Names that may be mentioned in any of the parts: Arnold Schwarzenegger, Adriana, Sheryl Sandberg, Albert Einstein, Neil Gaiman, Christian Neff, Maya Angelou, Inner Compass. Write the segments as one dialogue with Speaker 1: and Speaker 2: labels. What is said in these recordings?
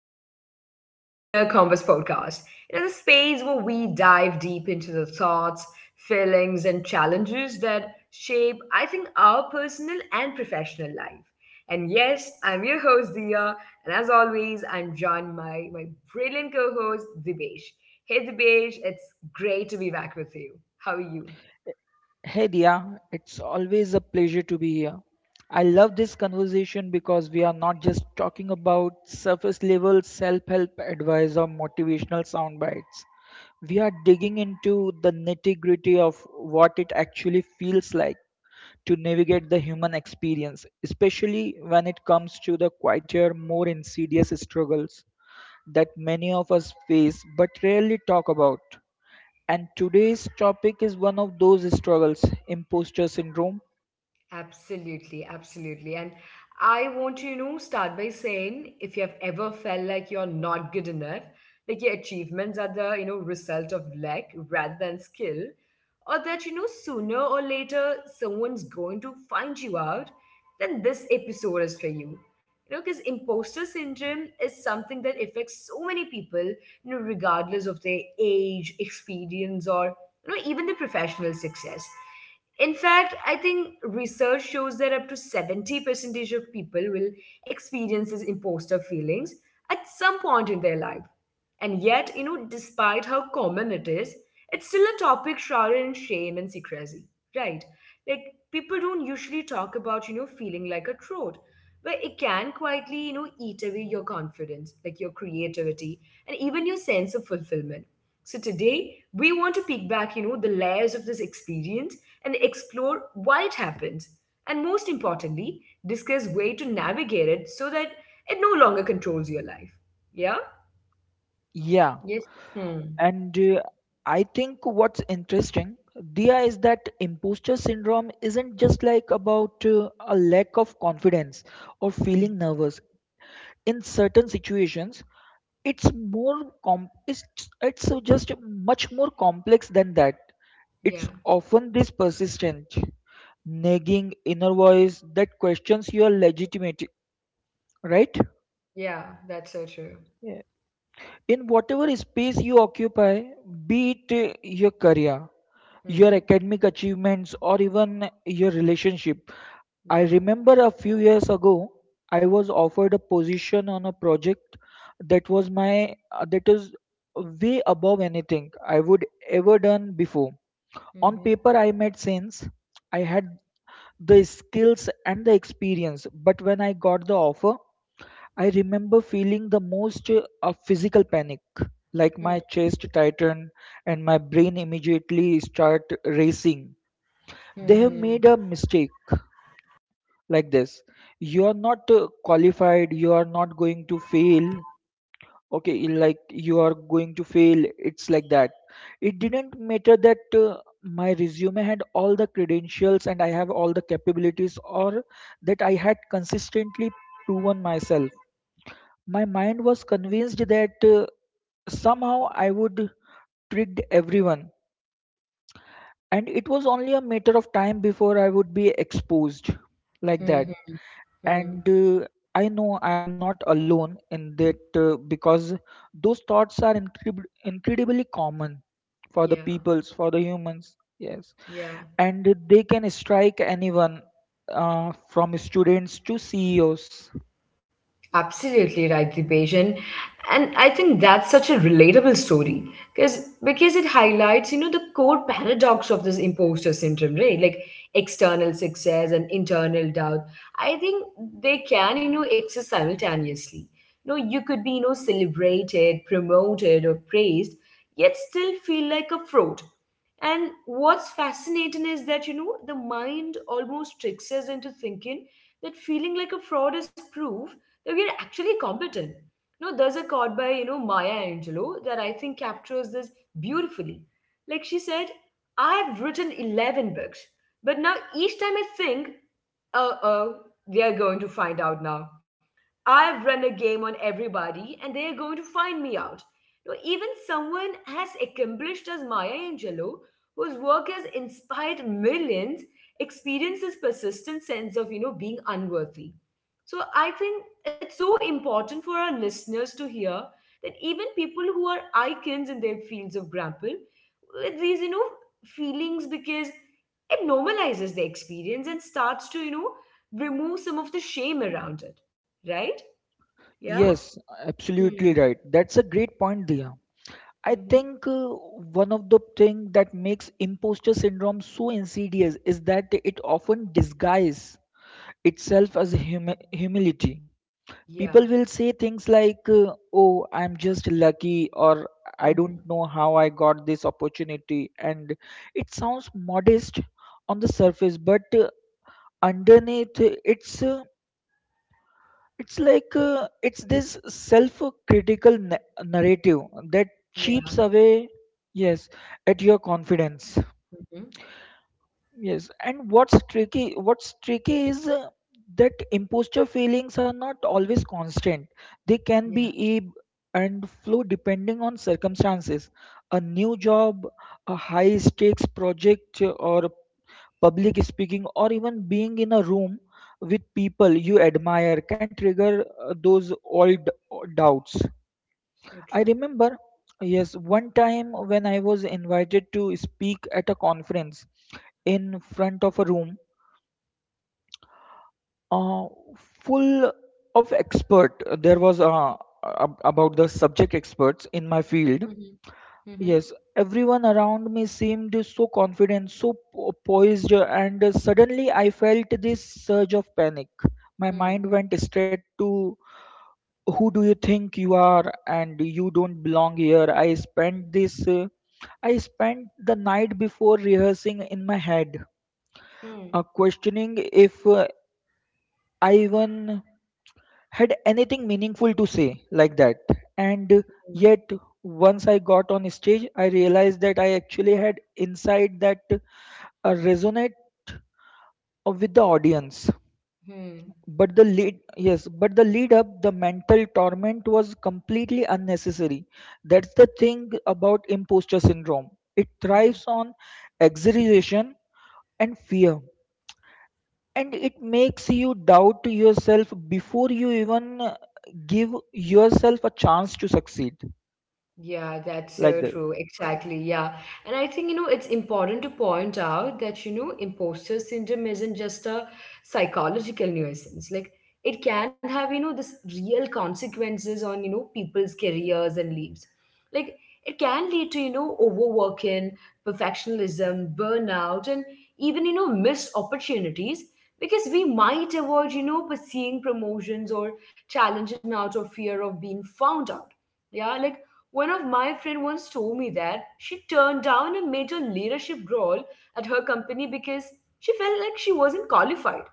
Speaker 1: episode of the Inner Compass podcast. Another space where we dive deep into the thoughts, feelings, and challenges that shape, I think, our personal and professional life. And yes, I'm your host Dia, and as always, I'm joined by my brilliant co-host Dibesh. Hey Dibesh, it's great to be back with you. How are you?
Speaker 2: Hey Dia, it's always a pleasure to be here. I love this conversation because we are not just talking about surface level self help advice or motivational sound bites. We are digging into the nitty gritty of what it actually feels like to navigate the human experience, especially when it comes to the quieter, more insidious struggles that many of us face but rarely talk about. And today's topic is one of those struggles, imposter syndrome.
Speaker 1: Absolutely, absolutely. And I want to, start by saying if you have ever felt like you're not good enough, like your achievements are the, result of luck rather than skill, or that, sooner or later someone's going to find you out, then this episode is for you. You know, because imposter syndrome is something that affects so many people, regardless of their age, experience, or even the professional success. In fact, I think research shows that up to 70 percentage of people will experience these imposter feelings at some point in their life. And yet, despite how common it is, it's still a topic shrouded in shame and secrecy, right? Like, people don't usually talk about, feeling like a trout, but it can quietly, eat away your confidence, like your creativity, and even your sense of fulfillment. So today we want to peek back, the layers of this experience and explore why it happens. And most importantly, discuss way to navigate it so that it no longer controls your life. Yeah?
Speaker 2: Yeah,
Speaker 1: Yes. Hmm.
Speaker 2: and I think what's interesting, Dia, is that imposter syndrome isn't just like about a lack of confidence or
Speaker 1: Hmm.
Speaker 2: feeling nervous in certain situations. It's more com- it's, it's just much more complex than that.
Speaker 1: Yeah.
Speaker 2: It's often this persistent, nagging inner voice that questions your legitimacy, right?
Speaker 1: Yeah, that's so true.
Speaker 2: In whatever space you occupy, be it your career, your
Speaker 1: Mm-hmm.
Speaker 2: academic achievements, or even your relationship. I
Speaker 1: Yeah.
Speaker 2: remember a few years ago, I was offered a position on a project that was my that is way above anything I would ever done before. On
Speaker 1: Mm-hmm.
Speaker 2: paper, I made sense. I had the skills and the experience, but when I got the offer, I remember feeling the most a physical panic, like
Speaker 1: Hmm.
Speaker 2: my chest tightened and my brain immediately start racing.
Speaker 1: Hmm.
Speaker 2: They have
Speaker 1: Hmm.
Speaker 2: made a mistake like this. You are not qualified. You are not going to fail. Okay, like you are going to fail. It's like that. It didn't matter that my resume had all the credentials and I have all the capabilities, or that I had consistently proven myself. My mind was convinced that somehow I would trick everyone, and it was only a matter of time before I would be exposed like that.
Speaker 1: Hmm. Hmm.
Speaker 2: And I know I'm not alone in that because those thoughts are incredibly common for the
Speaker 1: Yeah.
Speaker 2: peoples, for the humans. Yes,
Speaker 1: Yeah.
Speaker 2: and they can strike anyone from students to CEOs.
Speaker 1: Absolutely right, Dipesh. And I think that's such a relatable story because it highlights, you know, the core paradox of this imposter syndrome, right? Like external success and internal doubt. I think they can, exist simultaneously. You know, you could be, celebrated, promoted, or praised, yet still feel like a fraud. And what's fascinating is that, the mind almost tricks us into thinking that feeling like a fraud is proof that we are actually competent. You know, there's a quote by, Maya Angelou that I think captures this beautifully. Like she said, I've written 11 books, but now each time I think, uh oh, they are going to find out now. I've run a game on everybody and they're going to find me out. No, even someone as accomplished as Maya Angelou, whose work has inspired millions, experiences persistent sense of being unworthy. So I think it's so important for our listeners to hear that even people who are icons in their fields of grapple, with these feelings because it normalizes the experience and starts to remove some of the shame around it, right? Yeah?
Speaker 2: Yes, absolutely
Speaker 1: Hmm.
Speaker 2: right. That's a great point, Dia. I
Speaker 1: Mhm.
Speaker 2: think one of the thing that makes imposter syndrome so insidious is that it often disguises itself as humility.
Speaker 1: Yeah.
Speaker 2: People will say things like, "Oh, I'm just lucky," or "I
Speaker 1: Hmm.
Speaker 2: don't know how I got this opportunity," and it sounds modest on the surface, but underneath it's this self-critical narrative that
Speaker 1: Yeah.
Speaker 2: cheaps away, yes, at your confidence.
Speaker 1: Mhm.
Speaker 2: Yes, and what's tricky? What's tricky is that imposter feelings are not always constant. They can
Speaker 1: Yeah.
Speaker 2: be ebb and flow depending on circumstances. A new job, a high-stakes project, or public speaking, or even being in a room with people you admire can trigger those old doubts.
Speaker 1: So
Speaker 2: I
Speaker 1: true.
Speaker 2: remember, yes, one time when I was invited to speak at a conference in front of a room uh, full of expert. There was about the subject experts in my field.
Speaker 1: Mhm. Mhm.
Speaker 2: Yes, everyone around me seemed so confident, so poised, and suddenly I felt this surge of panic. My mind
Speaker 1: Hmm.
Speaker 2: went straight to who do you think you are and you don't belong here. I spent the night before rehearsing in my head,
Speaker 1: Hmm.
Speaker 2: questioning if I even had anything meaningful to say like that. And
Speaker 1: Hmm.
Speaker 2: yet once I got on stage, I realized that I actually had inside that resonate with the audience,
Speaker 1: Hmm.
Speaker 2: but the lead up the mental torment was completely unnecessary. That's the thing about imposter syndrome. It thrives
Speaker 1: Yeah.
Speaker 2: on exaggeration and fear, and it makes you doubt yourself before you even give yourself a chance to succeed
Speaker 1: Yeah, that's
Speaker 2: like
Speaker 1: so
Speaker 2: that.
Speaker 1: true. Exactly. Yeah. And I think, it's important to point out that, imposter syndrome isn't just a psychological nuisance. Like, it can have, this real consequences on, people's careers and lives. Like, it can lead to, overworking, perfectionism, burnout, and even, missed opportunities because we might avoid, pursuing promotions or challenging out of fear of being found out. Yeah. Like, one of my friend once told me that she turned down a major leadership role at her company because she felt like she wasn't qualified,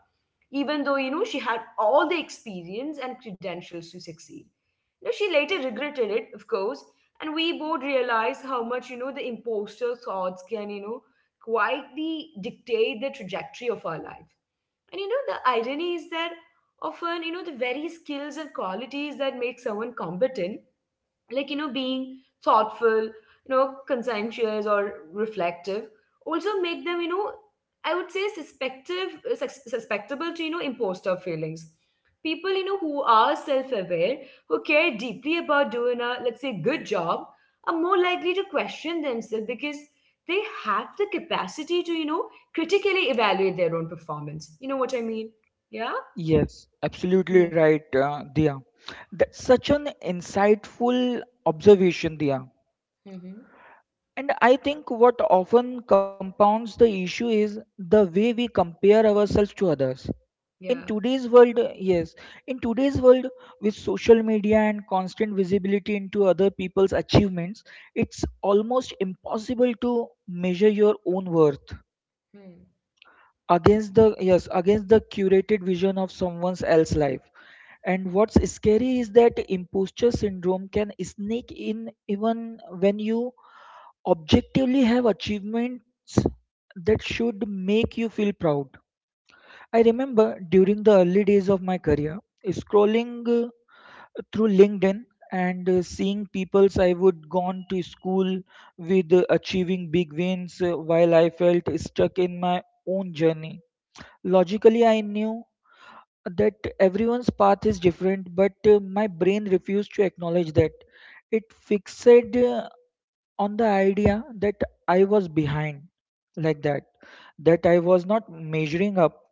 Speaker 1: even though she had all the experience and credentials to succeed. Now she later regretted it, of course, and we both realized how much the imposter thoughts can quietly dictate the trajectory of our life. And the irony is that often the very skills and qualities that make someone competent like being thoughtful, conscientious or reflective also make them, I would say suspective, susceptible to imposter feelings. People, who are self-aware, who care deeply about doing a let's say good job are more likely to question themselves because they have the capacity to critically evaluate their own performance, what I mean. Yeah.
Speaker 2: Yes, absolutely right, Dia. That's such an insightful observation, Dia.
Speaker 1: Mm-hmm.
Speaker 2: And I think what often compounds the issue is the way we compare ourselves to others. In
Speaker 1: Yeah.
Speaker 2: today's world, in today's world with social media and constant visibility into other people's achievements, it's almost impossible to measure your own worth
Speaker 1: Hmm.
Speaker 2: against the curated vision of someone else's life. And what's scary is that imposter syndrome can sneak in even when you objectively have achievements that should make you feel proud. I remember during the early days of my career, scrolling through LinkedIn and seeing people's I would gone to school with achieving big wins while I felt stuck in my own journey. Logically, I knew that everyone's path is different, but my brain refused to acknowledge that. It fixated on the idea that I was behind like that, that I was not measuring up,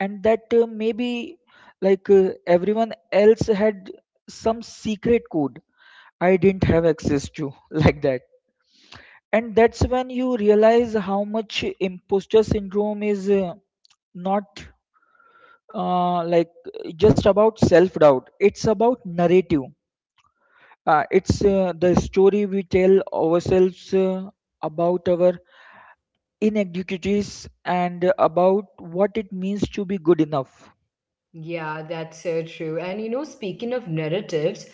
Speaker 2: and that maybe everyone else had some secret code I didn't have access to, like that. And that's when you realize how much imposter syndrome is not uh, like just about self doubt, it's about narrative. It's the story we tell ourselves about our inequities and about what it means to be good enough.
Speaker 1: Yeah, that's so true. And you know, speaking of narratives,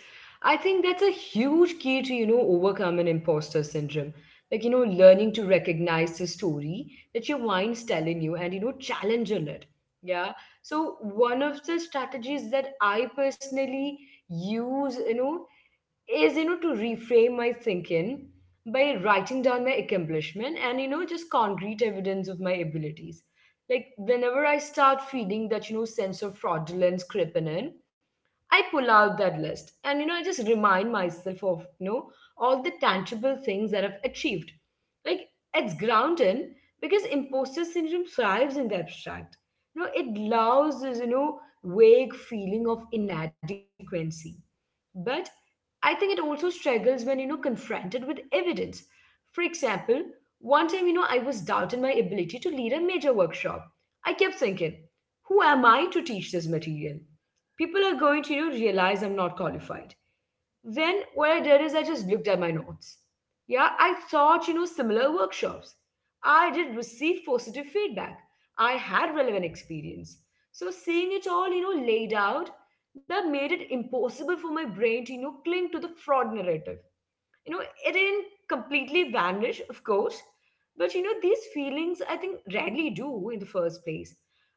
Speaker 1: I think that's a huge key to, overcome an imposter syndrome. Like, learning to recognize the story that your mind's telling you and, challenge on it. Yeah. So one of the strategies that I personally use, is to reframe my thinking by writing down my accomplishment and just concrete evidence of my abilities. Like whenever I start feeling that, sense of fraudulence creeping in, I pull out that list and, I just remind myself of, all the tangible things that I've achieved. Like, it's grounding because imposter syndrome thrives in the abstract. You know, it allows this, vague feeling of inadequacy, but I think it also struggles when, confronted with evidence. For example, one time, I was doubting my ability to lead a major workshop. I kept thinking, who am I to teach this material? People are going to, realize I'm not qualified. Then what I did is I just looked at my notes. Yeah, I taught, similar workshops. I did receive positive feedback. I had relevant experience. So seeing it all, laid out, that made it impossible for my brain to, cling to the fraud narrative. You know, it didn't completely vanish, of course, but these feelings I think rarely do in the first place.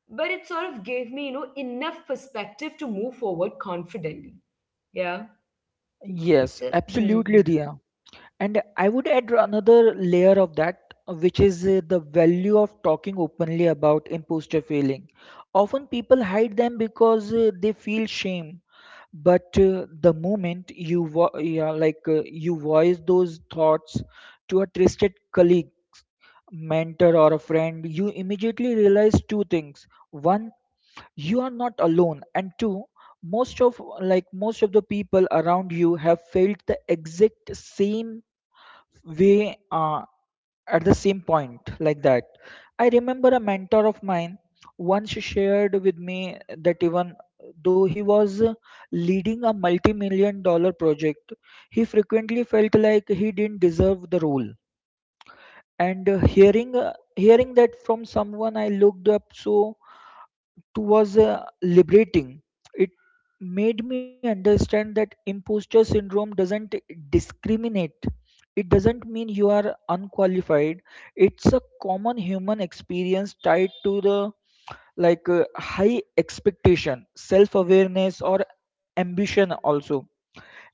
Speaker 1: But it sort of gave me, enough perspective to move forward confidently. Yeah.
Speaker 2: Yes,
Speaker 1: So, hmm.
Speaker 2: absolutely, Riya. And I would add another layer of that, which is the value of talking openly about imposter feeling. Often people hide them because they feel shame. But the moment you you voice those thoughts to a trusted colleague, mentor, or a friend, you immediately realize two things. One, you are not alone, and two, most of the people around you have felt the exact same way at the same point like that. I remember a mentor of mine once shared with me that even though he was leading a multi-million-dollar project, he frequently felt like he didn't deserve the role. And hearing that from someone I looked up so was liberating. It made me understand that imposter syndrome doesn't discriminate. It doesn't mean you are unqualified. It's a common human experience tied to the high expectation, self awareness, or ambition also.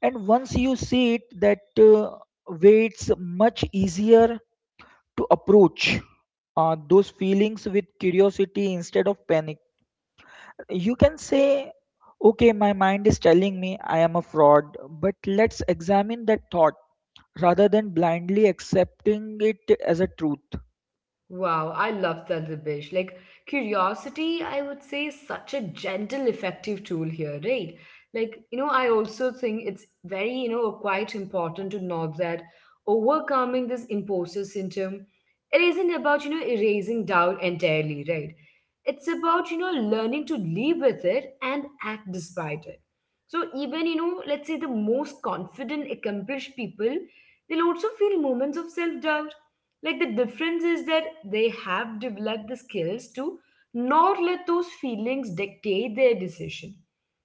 Speaker 2: And once you see it that way, it's much easier to approach those feelings with curiosity instead of panic. You can say, okay, my mind is telling me I am a fraud, but let's examine that thought rather than blindly accepting it as a truth.
Speaker 1: Wow, I love that, Dibesh. Like, curiosity, I would say, is such a gentle, effective tool here, right? Like, I also think it's very, quite important to note that overcoming this imposter syndrome, it isn't about, erasing doubt entirely, right? It's about, learning to live with it and act despite it. So, even, let's say the most confident, accomplished people, they'll also feel moments of self doubt. Like the difference is that they have developed the skills to not let those feelings dictate their decision.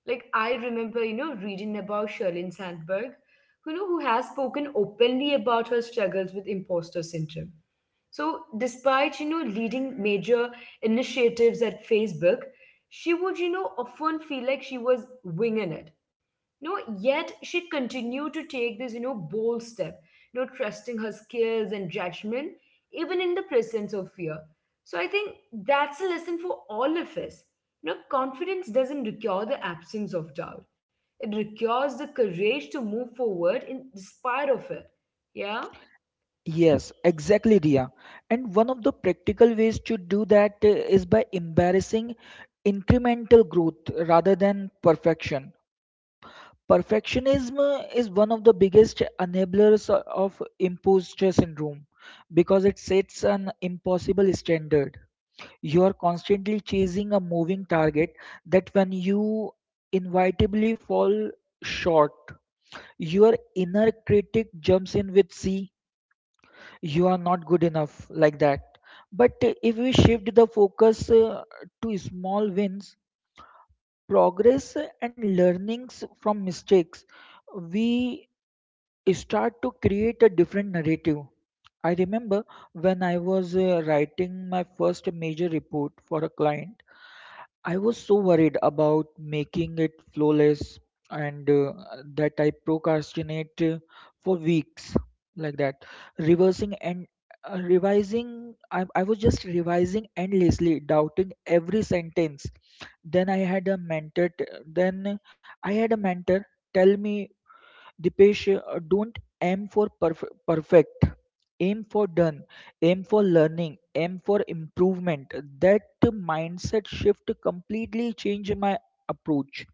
Speaker 1: Like I remember, reading about Sherlyn Sandberg, who has spoken openly about her struggles with imposter syndrome. So despite, leading major initiatives at Facebook, she would, often feel like she was winging it. No. Yet she continued to take this, bold step, trusting her skills and judgment even in the presence of fear. So I think that's a lesson for all of us. You know, confidence doesn't require the absence of doubt; it requires the courage to move forward in despite of it. Yeah.
Speaker 2: Yes, exactly, Dia. And one of the practical ways to do that is by embarrassing incremental growth rather than perfection. Perfectionism is one of the biggest enablers of imposter syndrome because it sets an impossible standard. You are constantly chasing a moving target that when you inevitably fall short, your inner critic jumps in with, see, you are not good enough, like that. But if we shift the focus to small wins, progress and learnings from mistakes, we start to create a different narrative. I remember when I was writing my first major report for a client. I was so worried about making it flawless and that I procrastinate for weeks like that. Reversing and revising, I was just revising endlessly, doubting every sentence. Then I had a mentor tell me, Dipesh, don't aim for perfect. Aim for done. Aim for learning. Aim for improvement. That mindset shift completely changed my approach.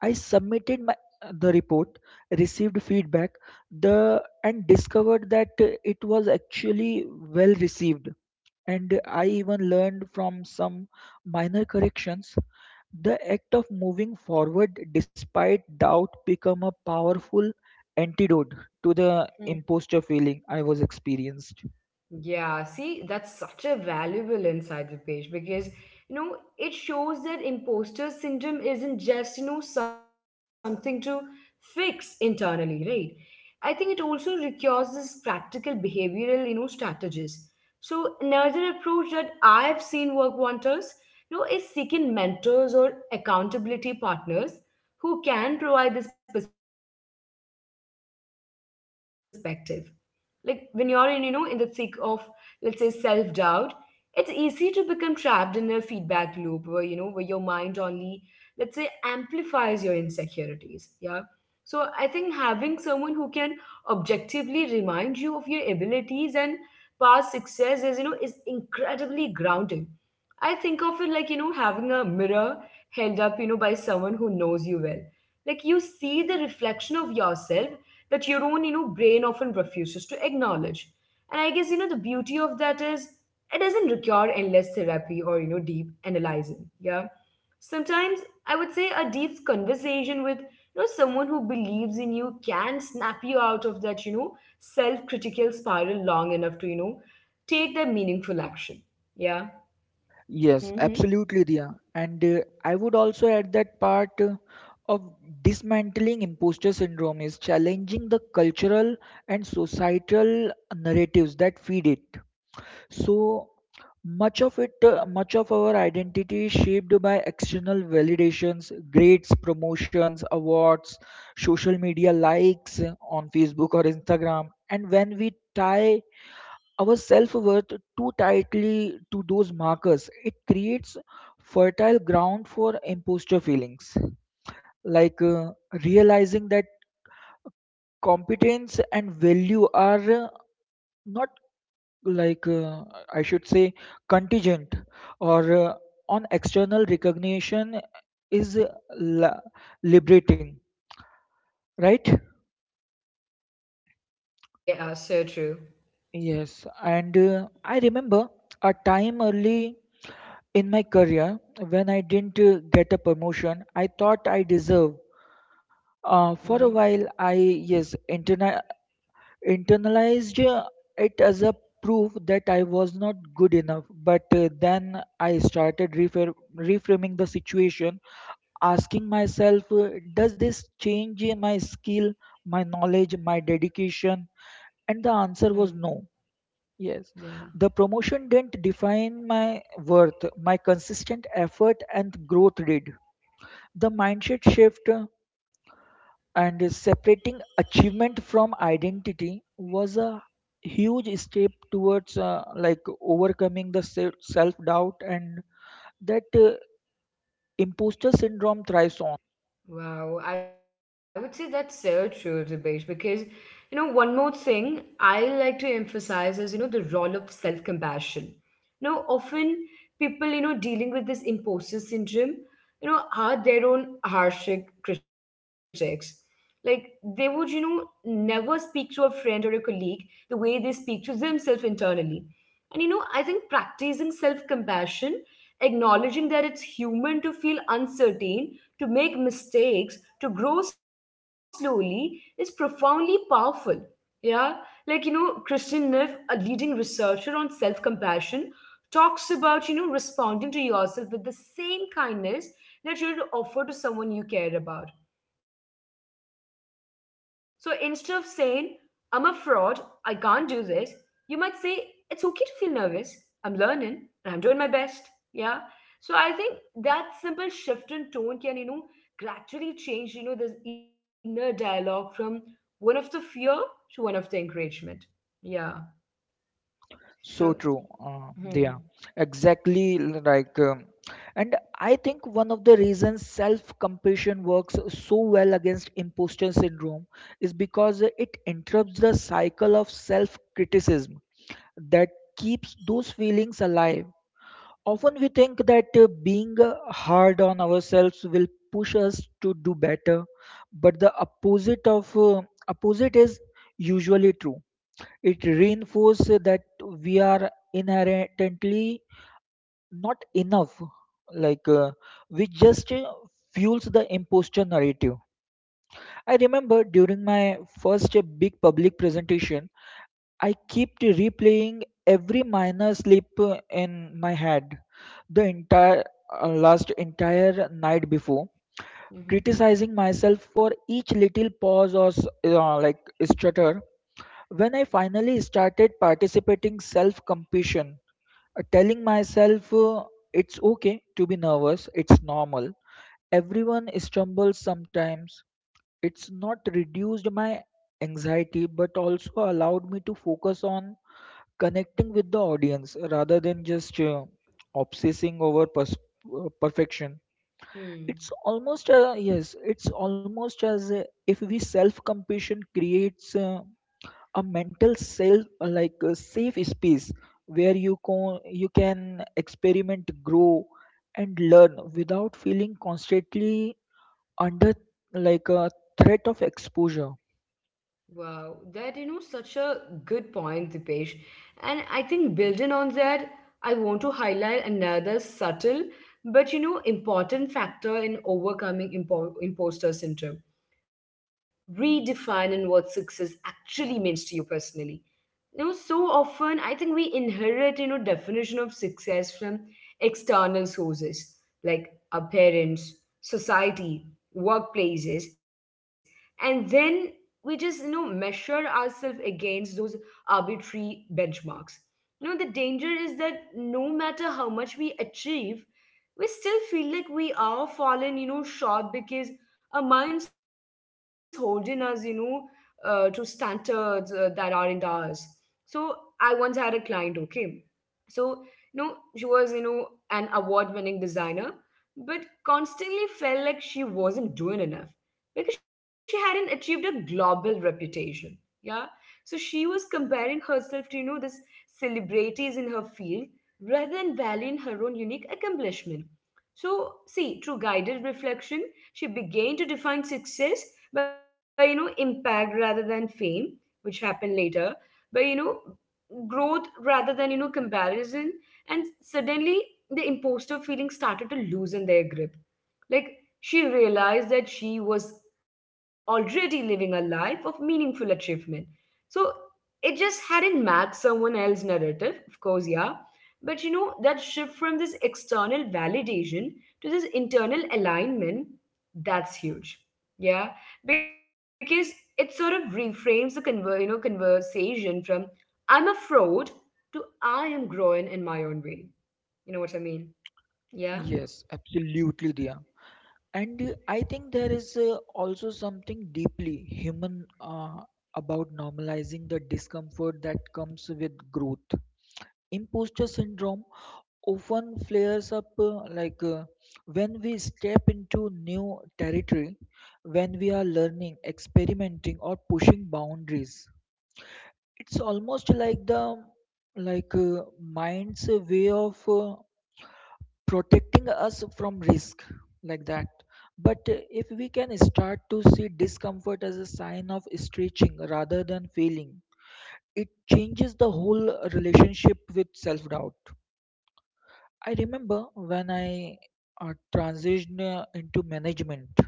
Speaker 2: I submitted my the report, received feedback, the and discovered that it was actually well received. And I even learned from some minor corrections. The act of moving forward despite doubt become a powerful antidote to the imposter feeling I was experienced.
Speaker 1: Yeah, see, that's such a valuable insight, Dipesh, because it shows that imposter syndrome isn't just, something to fix internally, right? I think it also requires this practical behavioral, strategies. So another approach that I've seen work wonders, is seeking mentors or accountability partners who can provide this perspective. Like when you're in, in the thick of, let's say, self-doubt, it's easy to become trapped in a feedback loop where, where your mind only, let's say, amplifies your insecurities. Yeah, so I think having someone who can objectively remind you of your abilities and past success is, is incredibly grounding. I think of it like, having a mirror held up, by someone who knows you well. Like you see the reflection of yourself that your own, brain often refuses to acknowledge. And I guess, the beauty of that is it doesn't require endless therapy or, deep analyzing. Yeah, sometimes I would say a deep conversation with, someone who believes in you can snap you out of that, self-critical spiral long enough to, take their meaningful action. Yeah.
Speaker 2: Yes,
Speaker 1: hmm
Speaker 2: absolutely, Dia. And I would also add that part of dismantling imposter syndrome is challenging the cultural and societal narratives that feed it. So much of our identity is shaped by external validations, grades, promotions, awards, social media likes on Facebook or Instagram. And when we tie our self worth too tightly to those markers, it creates fertile ground for imposter feelings. Like uh, Realizing that competence and value are not like I should say contingent or on external recognition is liberating, right?
Speaker 1: yeah, so true.
Speaker 2: Yes, and I remember a time early in my career when I didn't get a promotion I thought I deserved. For a
Speaker 1: mm-hmm.
Speaker 2: while, I internalized it as a proof that I was not good enough. But then I started reframing the situation, asking myself, does this change my skill, my knowledge, my dedication? And the answer was no.
Speaker 1: Hmm.
Speaker 2: Yes. The
Speaker 1: Yeah.
Speaker 2: promotion didn't define my worth, my consistent effort and growth did. The mindset shift and separating achievement from identity was a huge step towards overcoming the self doubt and that imposter syndrome thrives on.
Speaker 1: Wow, I would say that's so true, Dibesh, because one more thing I like to emphasize is, the role of self-compassion. You know, often people, dealing with this imposter syndrome, are their own harsh critics. Like they would, never speak to a friend or a colleague the way they speak to themselves internally. And I think practicing self-compassion, acknowledging that it's human to feel uncertain to make mistakes, to grow slowly is profoundly powerful. Yeah, like, Christian Neff, a leading researcher on self compassion, talks about responding to yourself with the same kindness that you would offer to someone you care about. So instead of saying, "I'm a fraud, I can't do this," you might say, "It's okay to feel nervous. I'm learning and I'm doing my best." Yeah. So I think that simple shift in tone can, you know, gradually change, you know, this inner dialogue from one of the fear to one of the encouragement. Yeah.
Speaker 2: So true.
Speaker 1: So,
Speaker 2: Yeah,
Speaker 1: hmm,
Speaker 2: exactly. Like, um, and I think one of the reasons self-compassion works so well against imposter syndrome is because it interrupts the cycle of self-criticism that keeps those feelings alive. Often we think that being hard on ourselves will push us to do better, but the opposite is usually true. It reinforces that we are inherently not enough, like uh, which just fuels the imposter narrative. I remember during my first big public presentation, I kept replaying every minor slip in my head the entire last entire night before,
Speaker 1: hmm,
Speaker 2: criticizing myself for each little pause or like stutter. When I finally started participating, self compassion, telling myself it's okay to be nervous, it's normal. Everyone stumbles sometimes. It's not reduced my anxiety, but also allowed me to focus on connecting with the audience rather than just obsessing over perfection.
Speaker 1: hmm.
Speaker 2: It's almost yes, it's almost as if we self compassion creates a mental self, like a safe space where you can experiment, grow, and learn without feeling constantly under like a threat of exposure.
Speaker 1: Wow, that you know, such a good point, Dipesh. And I think building on that, I want to highlight another subtle but you know important factor in overcoming imposter syndrome, redefining what success actually means to you personally. You know, so often I think we inherit, you know, definition of success from external sources like our parents, society, workplaces, and then we just, you know, measure ourselves against those arbitrary benchmarks. You know, the danger is that no matter how much we achieve, we still feel like we are fallen, you know, short because our minds holding us, you know, to standards that aren't ours. So I once had a client, okay. So, you know, she was, you know, an award-winning designer, but constantly felt like she wasn't doing enough because she hadn't achieved a global reputation. Yeah. So she was comparing herself to, you know, this celebrities in her field rather than valuing her own unique accomplishment. So, see, through guided reflection, she began to define success by, you know, impact rather than fame, which happened later, by you know growth rather than you know comparison, and suddenly the imposter feeling started to loosen their grip. Like, she realized that she was already living a life of meaningful achievement. So, it just hadn't matched someone else's narrative, of course, yeah. But you know, that shift from this external validation to this internal alignment, that's huge. Yeah. Because it sort of reframes the you know, conversation from "I'm a fraud" to "I am growing in my own way." You know what I mean? Yeah.
Speaker 2: Yes, absolutely, dear. And I think there is also something deeply human about normalizing the discomfort that comes with growth. Imposter syndrome often flares up when we step into new territory, when we are learning, experimenting, or pushing boundaries. It's almost like the mind's way of protecting us from risk, like that. But if we can start to see discomfort as a sign of stretching rather than failing, it changes the whole relationship with self doubt. I remember when I transitioned into management.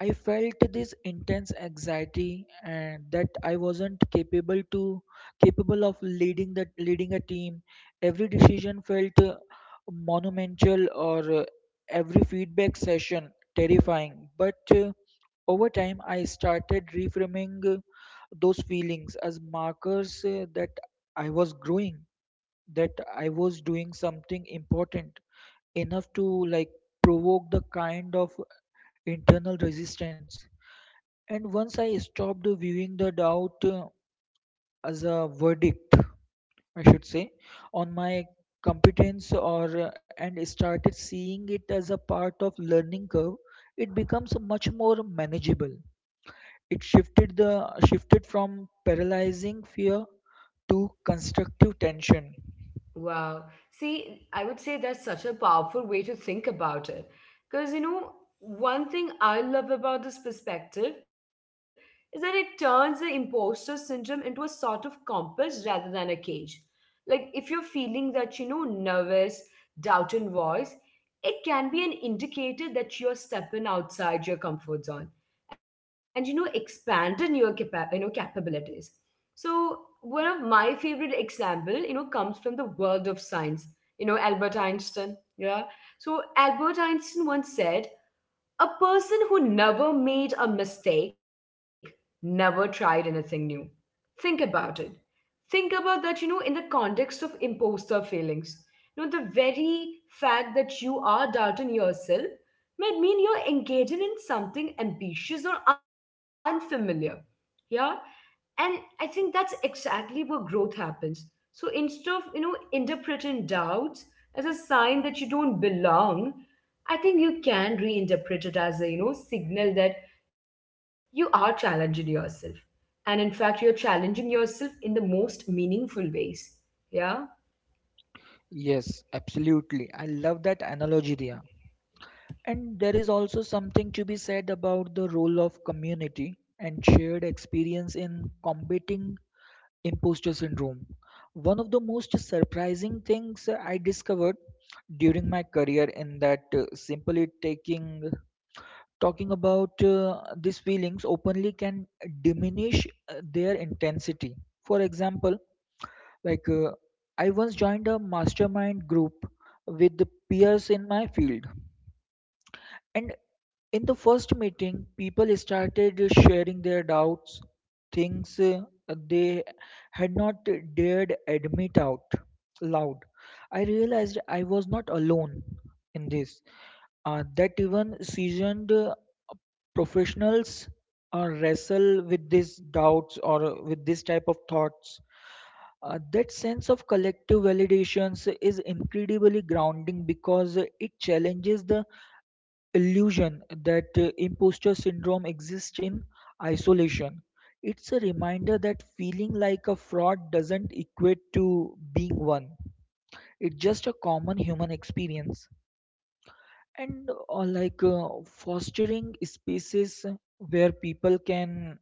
Speaker 2: I felt this intense anxiety and that I wasn't capable of leading a team. Every decision felt monumental, or every feedback session terrifying. But over time, I started reframing those feelings as markers that I was growing, that I was doing something important enough to like provoke the kind of internal resistance. And once I stopped viewing the doubt as a verdict, I should say, on my competence, or and started seeing it as a part of learning curve, it becomes much more manageable. It shifted from paralyzing fear to constructive tension.
Speaker 1: Wow. See, I would say that's such a powerful way to think about it. Because, you know, one thing I love about this perspective is that it turns the imposter syndrome into a sort of compass rather than a cage. Like, if you're feeling that, you know, nervous, doubt in voice, it can be an indicator that you're stepping outside your comfort zone and, you know, expanding your, you know, capabilities. So one of my favorite example, you know, comes from the world of science. You know, Albert Einstein. Yeah. So Albert Einstein once said, "A person who never made a mistake never tried anything new." Think about it. Think about that. You know, in the context of imposter feelings, you know, the very fact that you are doubting yourself might mean you're engaging in something ambitious or unfamiliar. Yeah, and I think that's exactly where growth happens. So instead of, you know, interpreting doubts as a sign that you don't belong, I think you can reinterpret it as a, you know, signal that you are challenging yourself, and in fact you're challenging yourself in the most meaningful ways. Yeah.
Speaker 2: Yes, absolutely. I love that analogy there. And there is also something to be said about the role of community and shared experience in combating imposter syndrome. One of the most surprising things I discovered during my career in that simply taking talking about these feelings openly can diminish their intensity. For example, like uh, I once joined a mastermind group with the peers in my field, and in the first meeting, people started sharing their doubts, things they had not dared admit out loud. I realized I was not alone in this, that even seasoned professionals wrestle with these doubts or with this type of thoughts. That sense of collective validations is incredibly grounding because it challenges the illusion that imposter syndrome exists in isolation. It's a reminder that feeling like a fraud doesn't equate to being one. It's just a common human experience. And fostering spaces where people can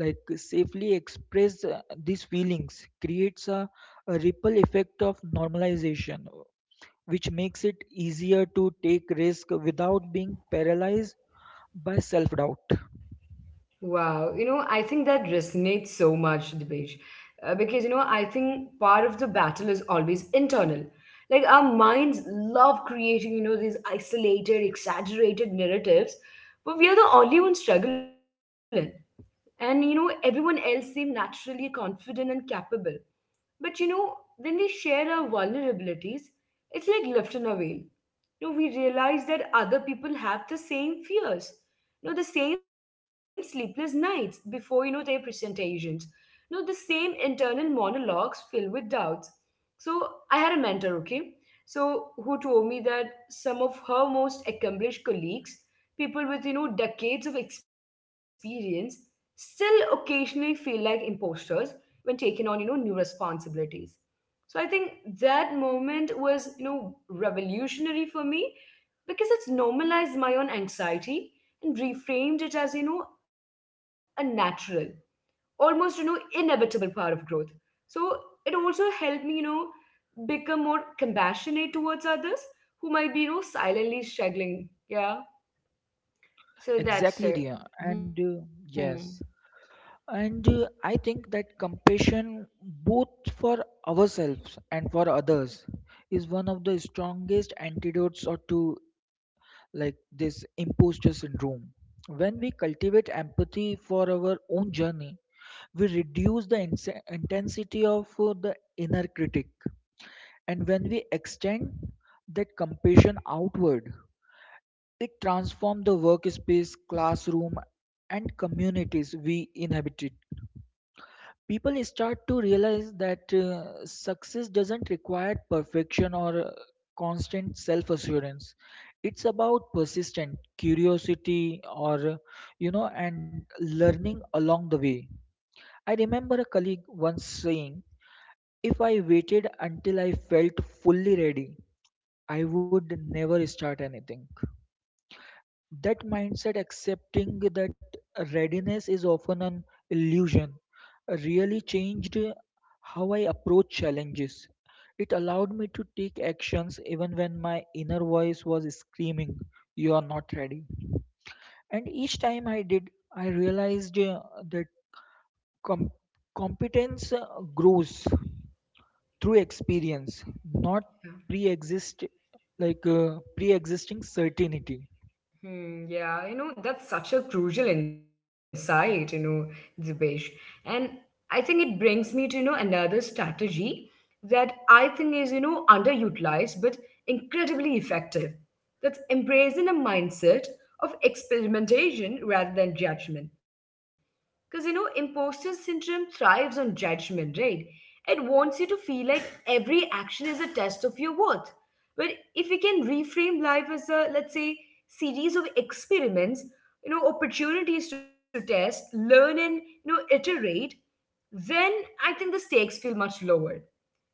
Speaker 2: like safely express these feelings creates a ripple effect of normalization, which makes it easier to take risk without being paralyzed by self doubt.
Speaker 1: Wow, you know, I think that resonates so much, Dipesh, because you know, I think part of the battle is always internal. Like our minds love creating, you know, these isolated, exaggerated narratives, but we are the only ones struggling. And you know, everyone else seems naturally confident and capable. But you know, when we share our vulnerabilities, it's like lifting a veil. You know, we realize that other people have the same fears, you know, the same sleepless nights before, you know, their presentations, you know, the same internal monologues filled with doubts. So I had a mentor, okay, so who told me that some of her most accomplished colleagues, people with, you know, decades of experience, still occasionally feel like imposters when taking on, you know, new responsibilities. So I think that moment was, you know, revolutionary for me because it's normalized my own anxiety and reframed it as, you know, a natural, almost, you know, inevitable part of growth. So it also helped me, you know, become more compassionate towards others who might be, you know, silently struggling. Yeah, so that's
Speaker 2: Exactly,
Speaker 1: it.
Speaker 2: dear, and
Speaker 1: Hmm.
Speaker 2: yes, and I think that compassion, both for ourselves and for others, is one of the strongest antidotes or to like this imposter syndrome. When we cultivate empathy for our own journey, we reduce the intensity of the inner critic, and when we extend that compassion outward, it transformed the workspace, classroom, and communities we inhabited. People start to realize that success doesn't require perfection or constant self assurance. It's about persistent curiosity or, you know, and learning along the way. I remember a colleague once saying, "If I waited until I felt fully ready, I would never start anything." That mindset, accepting that readiness is often an illusion, really changed how I approach challenges. It allowed me to take actions even when my inner voice was screaming, "You are not ready." And each time I did, I realized that com- competence grows through experience, not pre-exist pre-existing certainty.
Speaker 1: Hmm, yeah, you know, that's such a crucial insight, you know, Dibesh. And I think it brings me to, you know, another strategy that I think is, you know, underutilized but incredibly effective. That's embracing a mindset of experimentation rather than judgment. Because you know, imposter syndrome thrives on judgment, right? It wants you to feel like every action is a test of your worth. But if we can reframe life as a, let's say, series of experiments, you know, opportunities to test, learn, and you know, iterate, then I think the stakes feel much lower.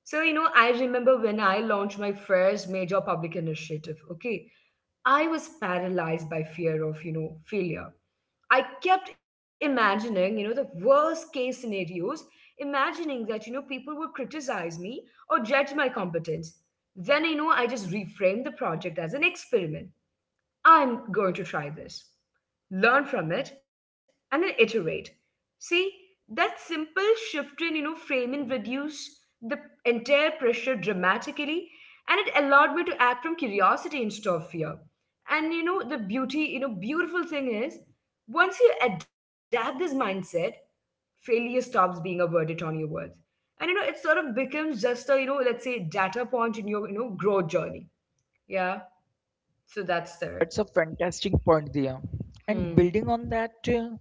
Speaker 1: So, you know, I remember when I launched my first major public initiative, okay? I was paralyzed by fear of, you know, failure. I kept imagining, you know, the worst case scenarios, imagining that, you know, people would criticize me or judge my competence. Then, you know, I just reframed the project as an experiment. I'm going to try this, learn from it, and then iterate. See, that simple shift in, you know, framing reduced the entire pressure dramatically, and it allowed me to act from curiosity instead of fear. And you know, the beauty, you know, beautiful thing is, once you adapt this mindset, failure stops being a verdict on your worth. And you know, it sort of becomes just a, you know, let's say data point in your, you know, growth journey. Yeah. So that's there.
Speaker 2: That's a fantastic point there. And
Speaker 1: Hmm.
Speaker 2: building on that,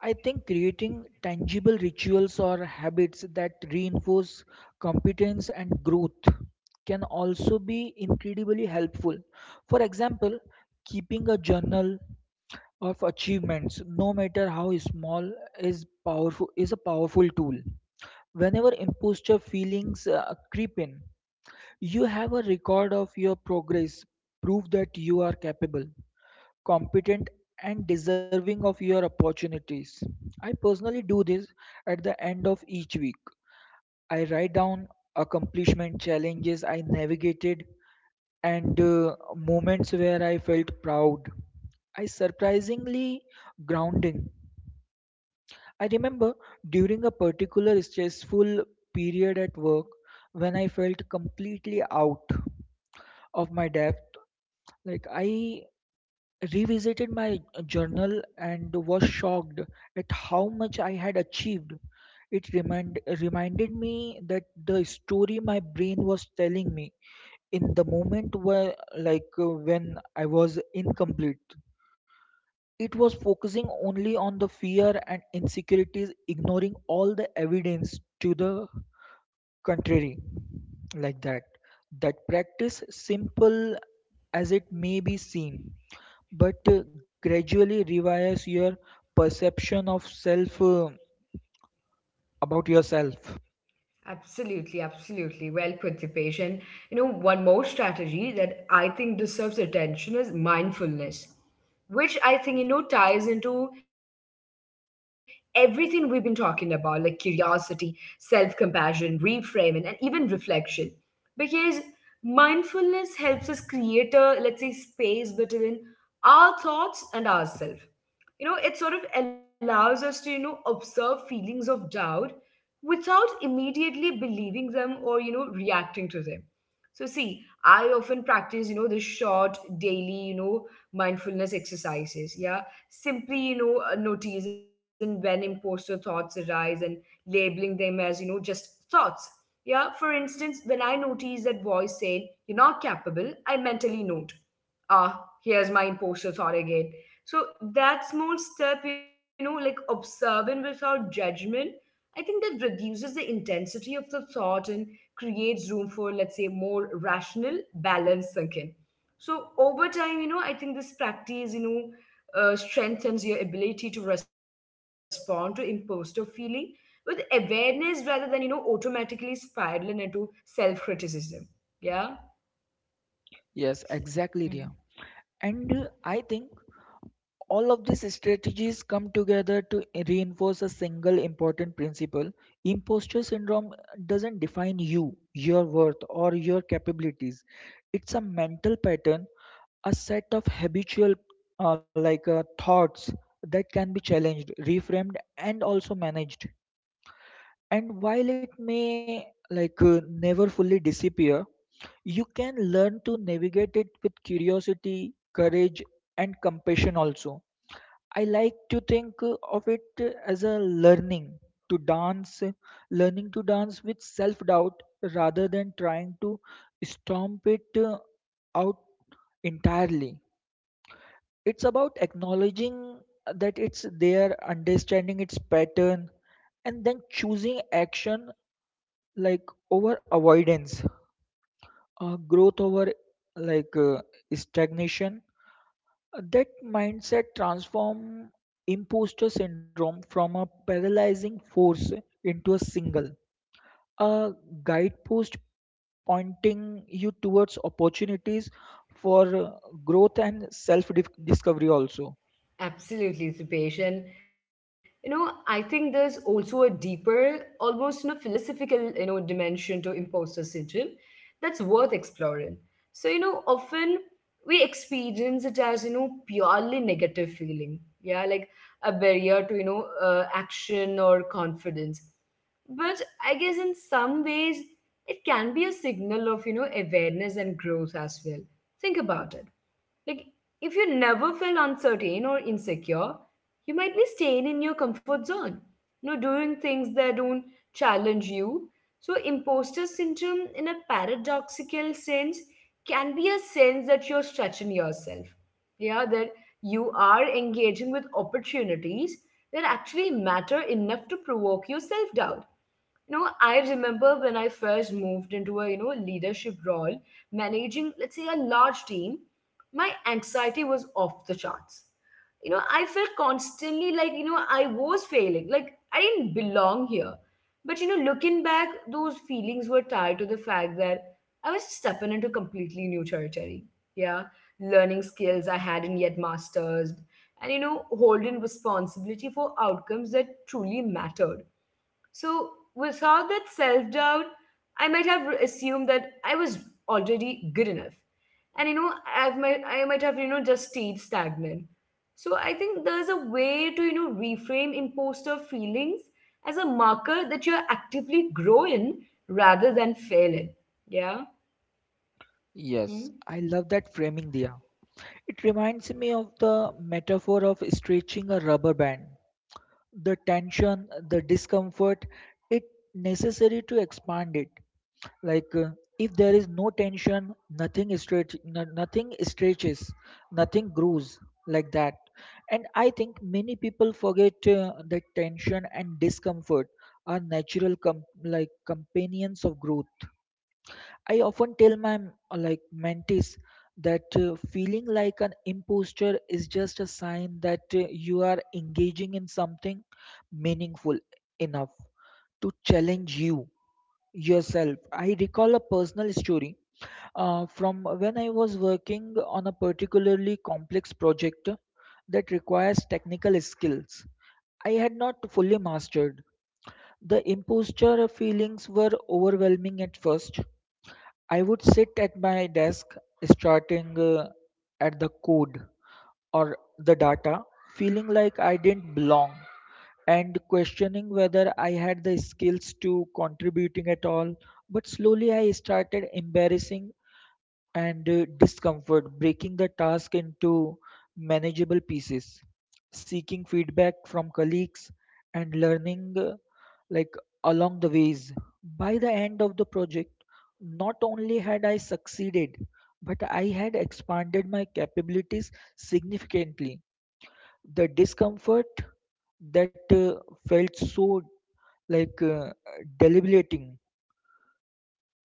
Speaker 2: I think creating tangible rituals or habits that reinforce competence and growth can also be incredibly helpful. For example, keeping a journal of achievements, no matter how small, is a powerful tool. Whenever imposter feelings creep in, you have a record of your progress, prove that you are capable, competent, and deserving of your opportunities. I personally do this at the end of each week. I write down accomplishment, challenges I navigated, and moments where I felt proud. I surprisingly grounding. I remember during a particular stressful period at work when I felt completely out of my depth, like I revisited my journal and was shocked at how much I had achieved. It reminded me that the story my brain was telling me in the moment where when I was incomplete, it was focusing only on the fear and insecurities, ignoring all the evidence to the contrary, like that. That practice, simple as it may be seen, but gradually rewires your perception of self, about yourself.
Speaker 1: Absolutely, absolutely. Well put, Dipesh. You know, one more strategy that I think deserves attention is mindfulness, which I think, you know, ties into everything we've been talking about, like curiosity, self compassion, reframing, and even reflection. Because mindfulness helps us create a, let's say, space between our thoughts and ourselves. You know, it sort of allows us to, you know, observe feelings of doubt without immediately believing them or, you know, reacting to them. So see, I often practice, you know, the short daily, you know, mindfulness exercises. Yeah, simply, you know, noticing when imposter thoughts arise and labeling them as, you know, just thoughts. Yeah, for instance, when I notice that voice saying "you're not capable," I mentally note, "Ah, here's my imposter thought again." So that small step, you know, like observing without judgment, I think that reduces the intensity of the thought and creates room for, let's say, more rational, balanced thinking. So over time, you know, I think this practice, you know, strengthens your ability to respond to imposter feeling with awareness rather than, you know, automatically spiraling into self criticism. Yeah.
Speaker 2: Yes, exactly, Ria. And I think all of these strategies come together to reinforce a single important principle: imposter syndrome doesn't define you, your worth, or your capabilities. It's a mental pattern, a set of habitual thoughts that can be challenged, reframed, and also managed. And while it may never fully disappear, you can learn to navigate it with curiosity, courage, and compassion also. I like to think of it as a to dance uh, learning to dance with self doubt rather than trying to stomp it out entirely. It's about acknowledging that it's there, understanding its pattern, and then choosing action like over avoidance, growth over like uh, stagnation. That mindset transform imposter syndrome from a paralyzing force into a single, a guidepost pointing you towards opportunities for growth and self discovery also.
Speaker 1: Absolutely, Rupesh. And you know, I think there's also a deeper, almost you know, philosophical, you know, dimension to imposter syndrome that's worth exploring. So, you know, often we experience it as, you know, purely negative feeling. Yeah, like a barrier to, you know, action or confidence. But I guess in some ways, it can be a signal of, you know, awareness and growth as well. Think about it, like, if you never felt uncertain or insecure, you might be staying in your comfort zone, you know, doing things that don't challenge you. So, imposter syndrome, in a paradoxical sense, can be a sense that you're stretching yourself. Yeah, that you are engaging with opportunities that actually matter enough to provoke your self doubt. You know, I remember when I first moved into a, you know, leadership role, managing, let's say, a large team, my anxiety was off the charts. You know, I felt constantly like, you know, I was failing, like I didn't belong here. But you know, looking back, those feelings were tied to the fact that I was stepping into completely new territory. Yeah, learning skills I hadn't yet mastered, and you know, holding responsibility for outcomes that truly mattered. So, without that self doubt, I might have assumed that I was already good enough. And you know, I might have, you know, just stayed stagnant. So, I think there's a way to, you know, reframe imposter feelings as a marker that you're actively growing rather than failing. Yeah?
Speaker 2: Yes,
Speaker 1: Hmm?
Speaker 2: I love that framing, Dia. It reminds me of the metaphor of stretching a rubber band. The tension, the discomfort, it necessary to expand it. Like uh, if there is no tension, nothing stretches, nothing grows, like that. And I think many people forget that tension and discomfort are natural companions of growth. I often tell my mentees that feeling like an imposter is just a sign that you are engaging in something meaningful enough to challenge yourself. I recall a personal story from when I was working on a particularly complex project that requires technical skills I had not fully mastered. The imposter feelings were overwhelming at first. I would sit at my desk starting at the code or the data, feeling like I didn't belong and questioning whether I had the skills to contributing at all. But slowly I started embarrassing and discomfort, breaking the task into manageable pieces, seeking feedback from colleagues, and learning like along the ways. By the end of the project, not only had I succeeded, but I had expanded my capabilities significantly. The discomfort that felt so like uh, deliberating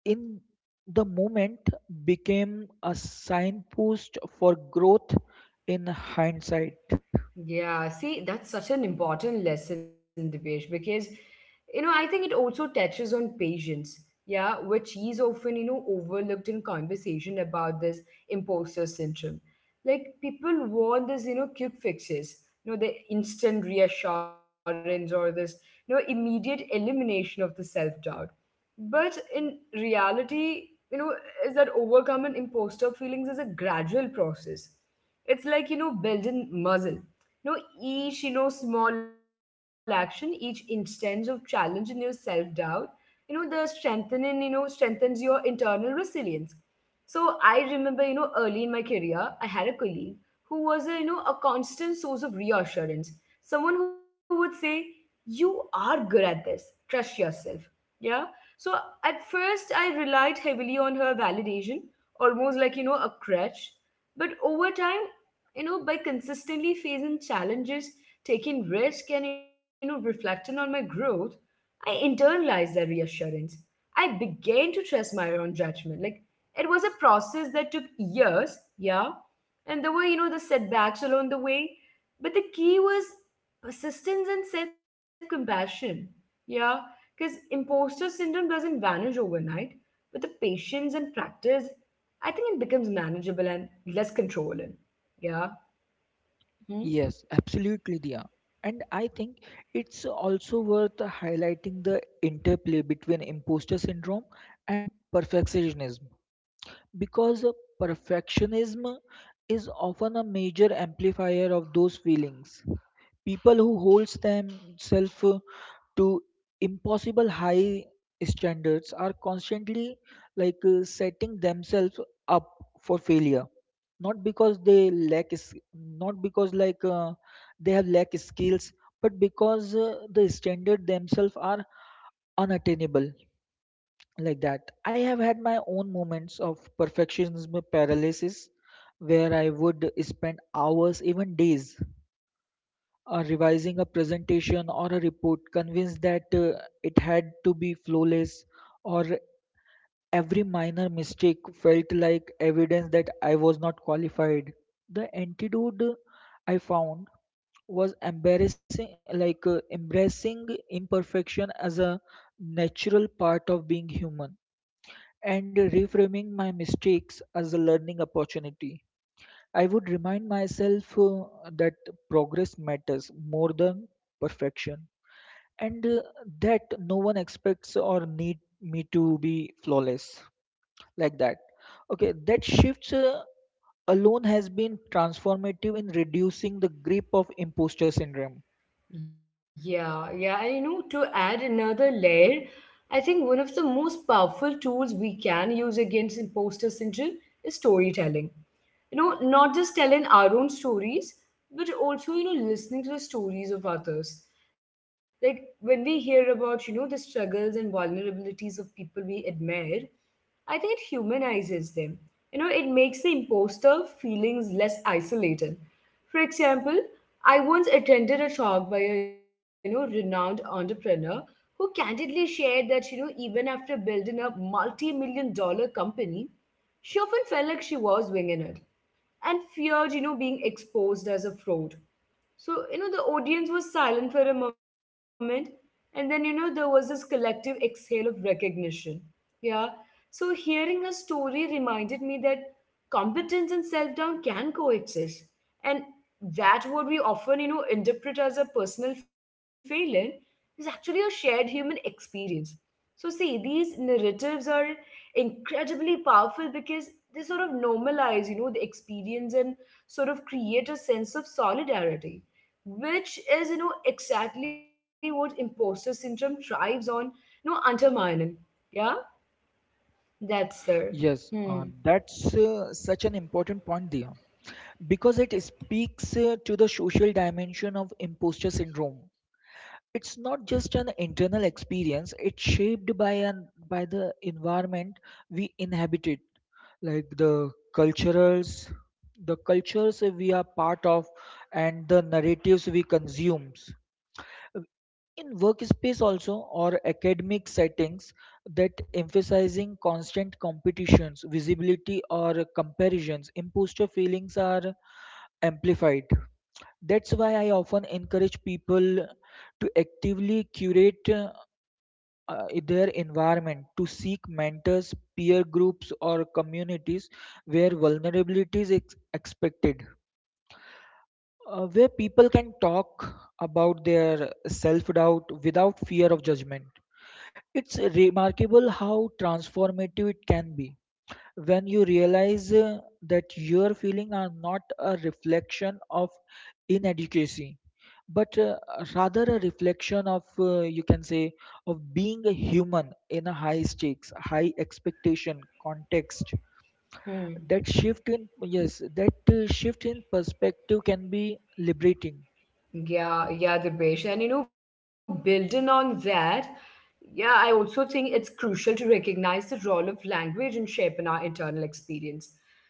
Speaker 2: in the moment became a signpost for growth in hindsight.
Speaker 1: Yeah, see, that's such an important lesson, Dipesh, because you know, I think it also touches on patience, yeah, which is often, you know, overlooked in conversation about this imposter syndrome. Like people want this, you know, quick fixes, you know, the instant reassurance or this, you know, immediate elimination of the self-doubt. But in reality, you know, is that overcoming imposter feelings is a gradual process. It's like, you know, building muscle. No, each, you know, small action, each instance of challenge in your self doubt, you know, strengthens your internal resilience. So I remember early in my career, I had a colleague who was a you know a constant source of reassurance. Someone who would say, "You are good at this. Trust yourself." Yeah. So at first, I relied heavily on her validation, almost like a crutch. But over time, by consistently facing challenges, taking risk and reflecting on my growth, I internalized that reassurance. I began to trust my own judgment. Like, it was a process that took years. Yeah. And there were the setbacks along the way, but the key was persistence and self-compassion. Yeah. Because imposter syndrome doesn't vanish overnight, but the patience and practice, I think it becomes manageable and less controlling. Yeah. Hmm?
Speaker 2: Yes, absolutely, Dia. And I think it's also worth highlighting the interplay between imposter syndrome and perfectionism, because perfectionism is often a major amplifier of those feelings. People who hold themselves to impossible high standards are constantly setting themselves up for failure, not because they lack is not because they have lack skills, but because the standard themselves are unattainable, like that. I have had my own moments of perfectionism paralysis where I would spend hours, even days, revising a presentation or a report, convinced that it had to be flawless, or every minor mistake felt like evidence that I was not qualified. The antidote I found was embarrassing, like embracing imperfection as a natural part of being human, and reframing my mistakes as a learning opportunity. I would remind myself that progress matters more than perfection, and that no one expects or need me to be flawless, like that. Okay, that shifts alone has been transformative in reducing the grip of imposter syndrome.
Speaker 1: Yeah, yeah. And to add another layer, I think one of the most powerful tools we can use against imposter syndrome is storytelling. Not just telling our own stories, but also, listening to the stories of others. Like, when we hear about, the struggles and vulnerabilities of people we admire, I think it humanizes them. It makes the imposter feelings less isolated. For example, I once attended a talk by a renowned entrepreneur who candidly shared that even after building a multi-million dollar company, she often felt like she was winging it and feared, being exposed as a fraud. So, the audience was silent for a moment, and then, there was this collective exhale of recognition. Yeah. So, hearing her story reminded me that competence and self doubt can coexist. And that what we often, interpret as a personal failing, is actually a shared human experience. So, see, these narratives are incredibly powerful because they sort of normalize, the experience and sort of create a sense of solidarity, which is, exactly what imposter syndrome thrives on, undermining. Yeah, that's there.
Speaker 2: Yes,
Speaker 1: Hmm.
Speaker 2: that's such an important point there because it speaks to the social dimension of imposter syndrome. It's not just an internal experience, it's shaped by an by the environment we inhabited, like the culturals, the cultures we are part of, and the narratives we consumes in workspace also, or academic settings that emphasizing constant competitions, visibility, or comparisons, imposter feelings are amplified. That's why I often encourage people to actively curate their environment, to seek mentors, peer groups, or communities where vulnerability is expected, where people can talk about their self doubt without fear of judgment. It's remarkable how transformative it can be when you realize that your feelings are not a reflection of inadequacy, but rather a reflection of, you can say, of being a human in a high stakes, high expectation context.
Speaker 1: Hmm.
Speaker 2: That shift in, yes, that shift in perspective can be liberating.
Speaker 1: Yeah, yeah, Dibesh. And building on that, yeah, I also think it's crucial to recognize the role of language in shaping our internal experience.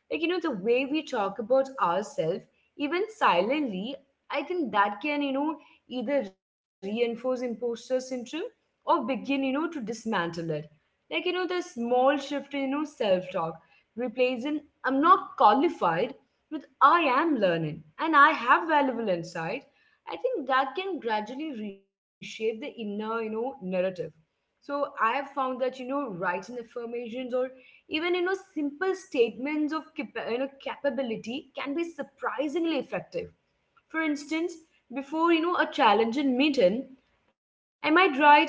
Speaker 1: Like, the way we talk about ourselves, even silently, I think that can, either reinforce imposter syndrome or begin, to dismantle it. Like, the small shift in, self talk, replacing "I'm not qualified" with "I am learning and I have valuable insight." I think that can gradually reshape the inner, narrative. So I have found that, writing affirmations or even, simple statements of capability can be surprisingly effective. For instance, before, a challenging meeting, I might write,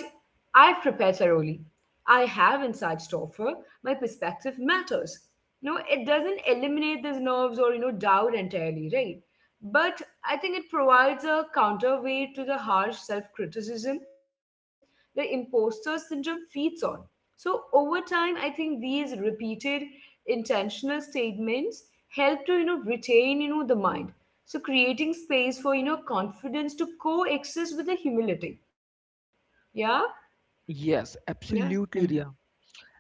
Speaker 1: "I've prepared thoroughly. I have insights to offer. My perspective matters." No, it doesn't eliminate these nerves or, doubt entirely, right? But I think it provides a counterweight to the harsh self criticism the imposter syndrome feeds on. So, over time, I think these repeated intentional statements help to, retain, the mind. So, creating space for, confidence to coexist with the humility. Yeah?
Speaker 2: Yes,
Speaker 1: Yeah. Hmm.
Speaker 2: absolutely, Ria.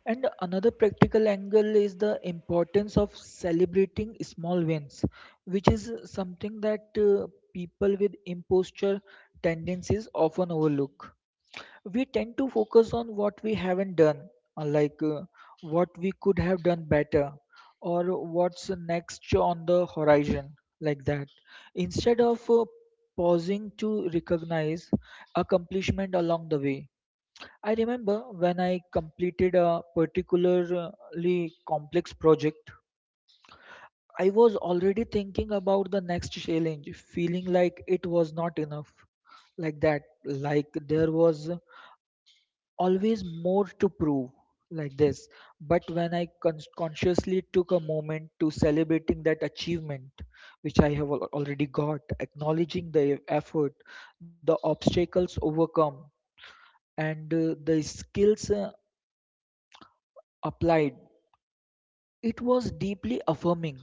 Speaker 2: And another practical angle is the importance of celebrating small wins, which is something that people with imposture tendencies often overlook. We tend to focus on what we haven't done, uh, like uh, what we could have done better, or what's next on the horizon, like that. Instead of pausing to recognize accomplishment along the way. I remember when I completed a particularly complex project, I was already thinking about the next challenge, feeling like it was not enough, like that, like there was always more to prove, like this. But when I consciously took a moment to celebrating that achievement, which I have already got, acknowledging the effort, the obstacles overcome, and the skills applied, it was deeply affirming.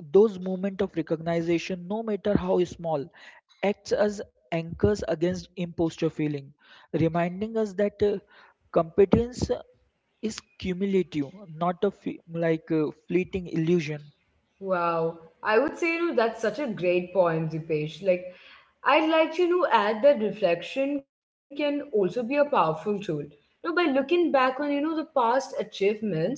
Speaker 2: Those moments of recognition, no matter how small, acts as anchors against imposter feeling, reminding us that competence is cumulative, not a like a fleeting illusion.
Speaker 1: Wow. I would say, that's such a great point, Dipesh. Like, I'd like to, you know, add that reflection can also be a powerful tool. By looking back on, the past achievements,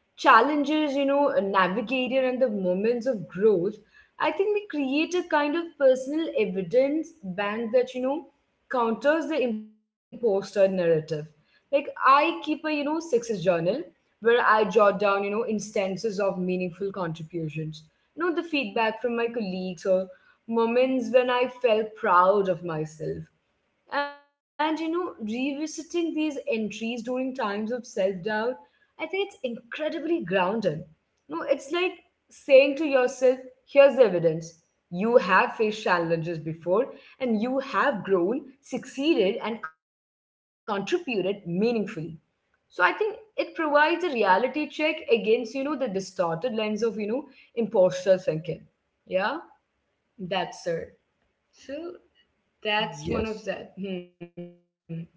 Speaker 1: challenges, navigated, and the moments of growth, I think we create a kind of personal evidence bank that, counters the imposter narrative. Like, I keep a, success journal where I jot down, instances of meaningful contributions, the feedback from my colleagues, or moments when I felt proud of myself. And revisiting these entries during times of self-doubt, I think it's incredibly grounding. No, it's like saying to yourself, "Here's the evidence. You have faced challenges before, and you have grown, succeeded, and contributed meaningfully." So I think it provides a reality check against, the distorted lens of, imposter thinking. Yeah, that's it. So that's
Speaker 2: Yes.
Speaker 1: one of that. Hmm.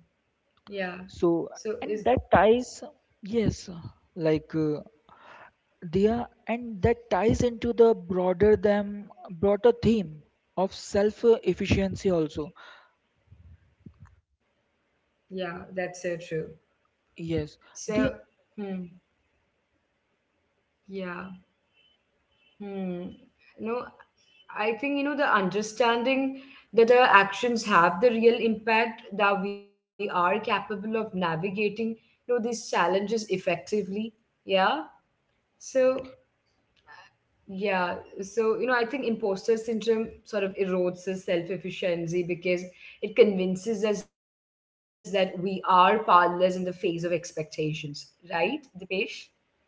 Speaker 1: Yeah. So is...
Speaker 2: So, and that ties yes, like uh, they are, and that ties into the broader theme of self efficiency also.
Speaker 1: Yeah, that's so true.
Speaker 2: Yes,
Speaker 1: So...
Speaker 2: the
Speaker 1: Hmm. Yeah. Hmm. No, I think the understanding that our actions have the real impact, that we are capable of navigating these challenges effectively. Yeah. So, yeah, so I think imposter syndrome sort of erodes the self-efficiency because it convinces us that we are powerless in the face of expectations, right, Dipesh? Yeah,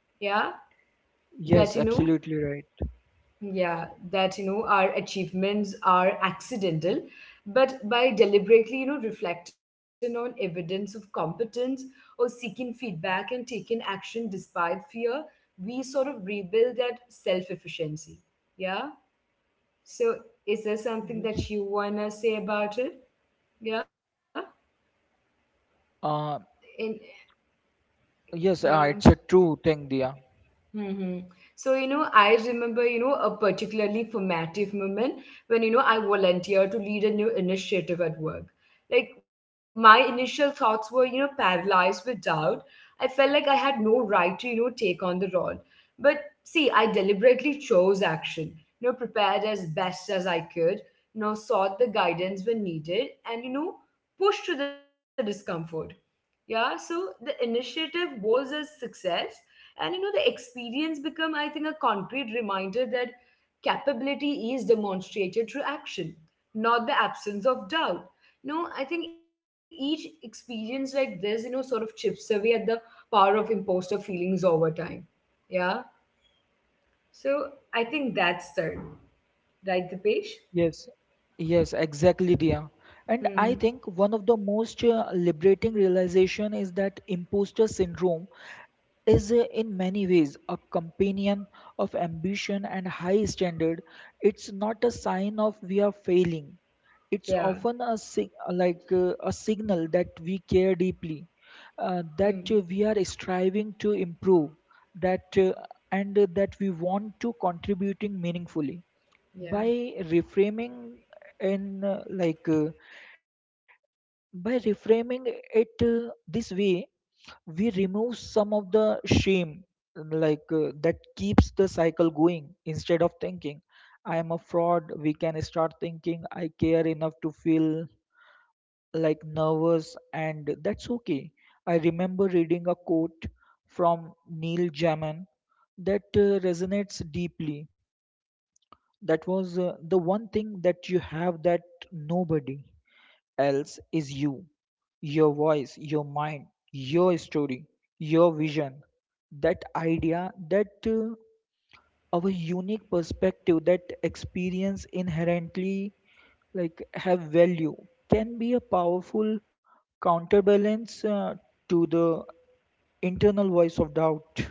Speaker 1: that you know,
Speaker 2: yes, absolutely right.
Speaker 1: yeah, that our achievements are accidental, but by deliberately, reflecting on evidence of competence, or seeking feedback and taking action despite fear, we sort of rebuild that self-efficiency. Yeah. So, is there something
Speaker 2: Yes.
Speaker 1: that you wanna say about it? Yeah,
Speaker 2: Uh,
Speaker 1: in
Speaker 2: yes,
Speaker 1: um,
Speaker 2: it's a true thing, Dia.
Speaker 1: hmm So, I remember, a particularly formative moment when, I volunteered to lead a new initiative at work. Like, my initial thoughts were, paralyzed with doubt. I felt like I had no right to, you know, take on the role. But see, I deliberately chose action, prepared as best as I could, sought the guidance when needed, and, pushed through the discomfort. Yeah. So the initiative was a success, and the experience become, I think, a concrete reminder that capability is demonstrated through action, not the absence of doubt. No, I think each experience like this, you know sort of chips away at the power of imposter feelings over time. Yeah. So I think that's the right, the page.
Speaker 2: Yes, yes, exactly, Dia. And I
Speaker 1: Hmm.
Speaker 2: think one of the most liberating realization is that imposter syndrome is, in many ways, a companion of ambition and high standard. It's not a sign of we are failing. It's
Speaker 1: Yeah.
Speaker 2: often a a signal that we care deeply,
Speaker 1: Hmm.
Speaker 2: that we are striving to improve, that uh, that we want to contributing meaningfully.
Speaker 1: Yeah.
Speaker 2: By reframing in, like by reframing it this way, we remove some of the shame that keeps the cycle going. Instead of thinking I am a fraud, we can start thinking I care enough to feel like nervous, and that's okay. I remember reading a quote from Neil Jamin that resonates deeply. That was, the one thing that you have that nobody else is you. Your voice, your mind, your story, your vision. That idea that our unique perspective, that experience inherently like have value, can be a powerful counterbalance to the internal voice of doubt.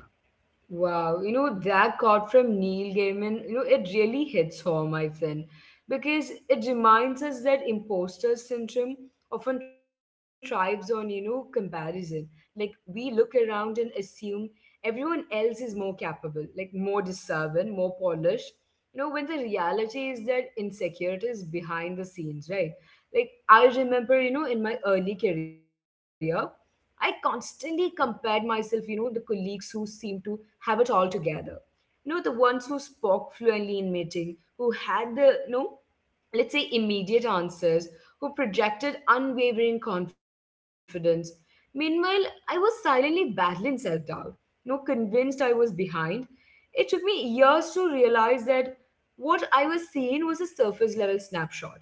Speaker 1: Wow, that quote from Neil Gaiman, it really hits home, I think, because it reminds us that imposter syndrome often thrives on, comparison. Like, we look around and assume everyone else is more capable, like, more deserving, more polished, when the reality is that insecurities behind the scenes, right? Like, I remember, in my early career, I constantly compared myself, you know, the colleagues who seemed to have it all together. The ones who spoke fluently in meeting, who had the, let's say, immediate answers, who projected unwavering confidence. Meanwhile, I was silently battling self doubt, convinced I was behind. It took me years to realize that what I was seeing was a surface level snapshot.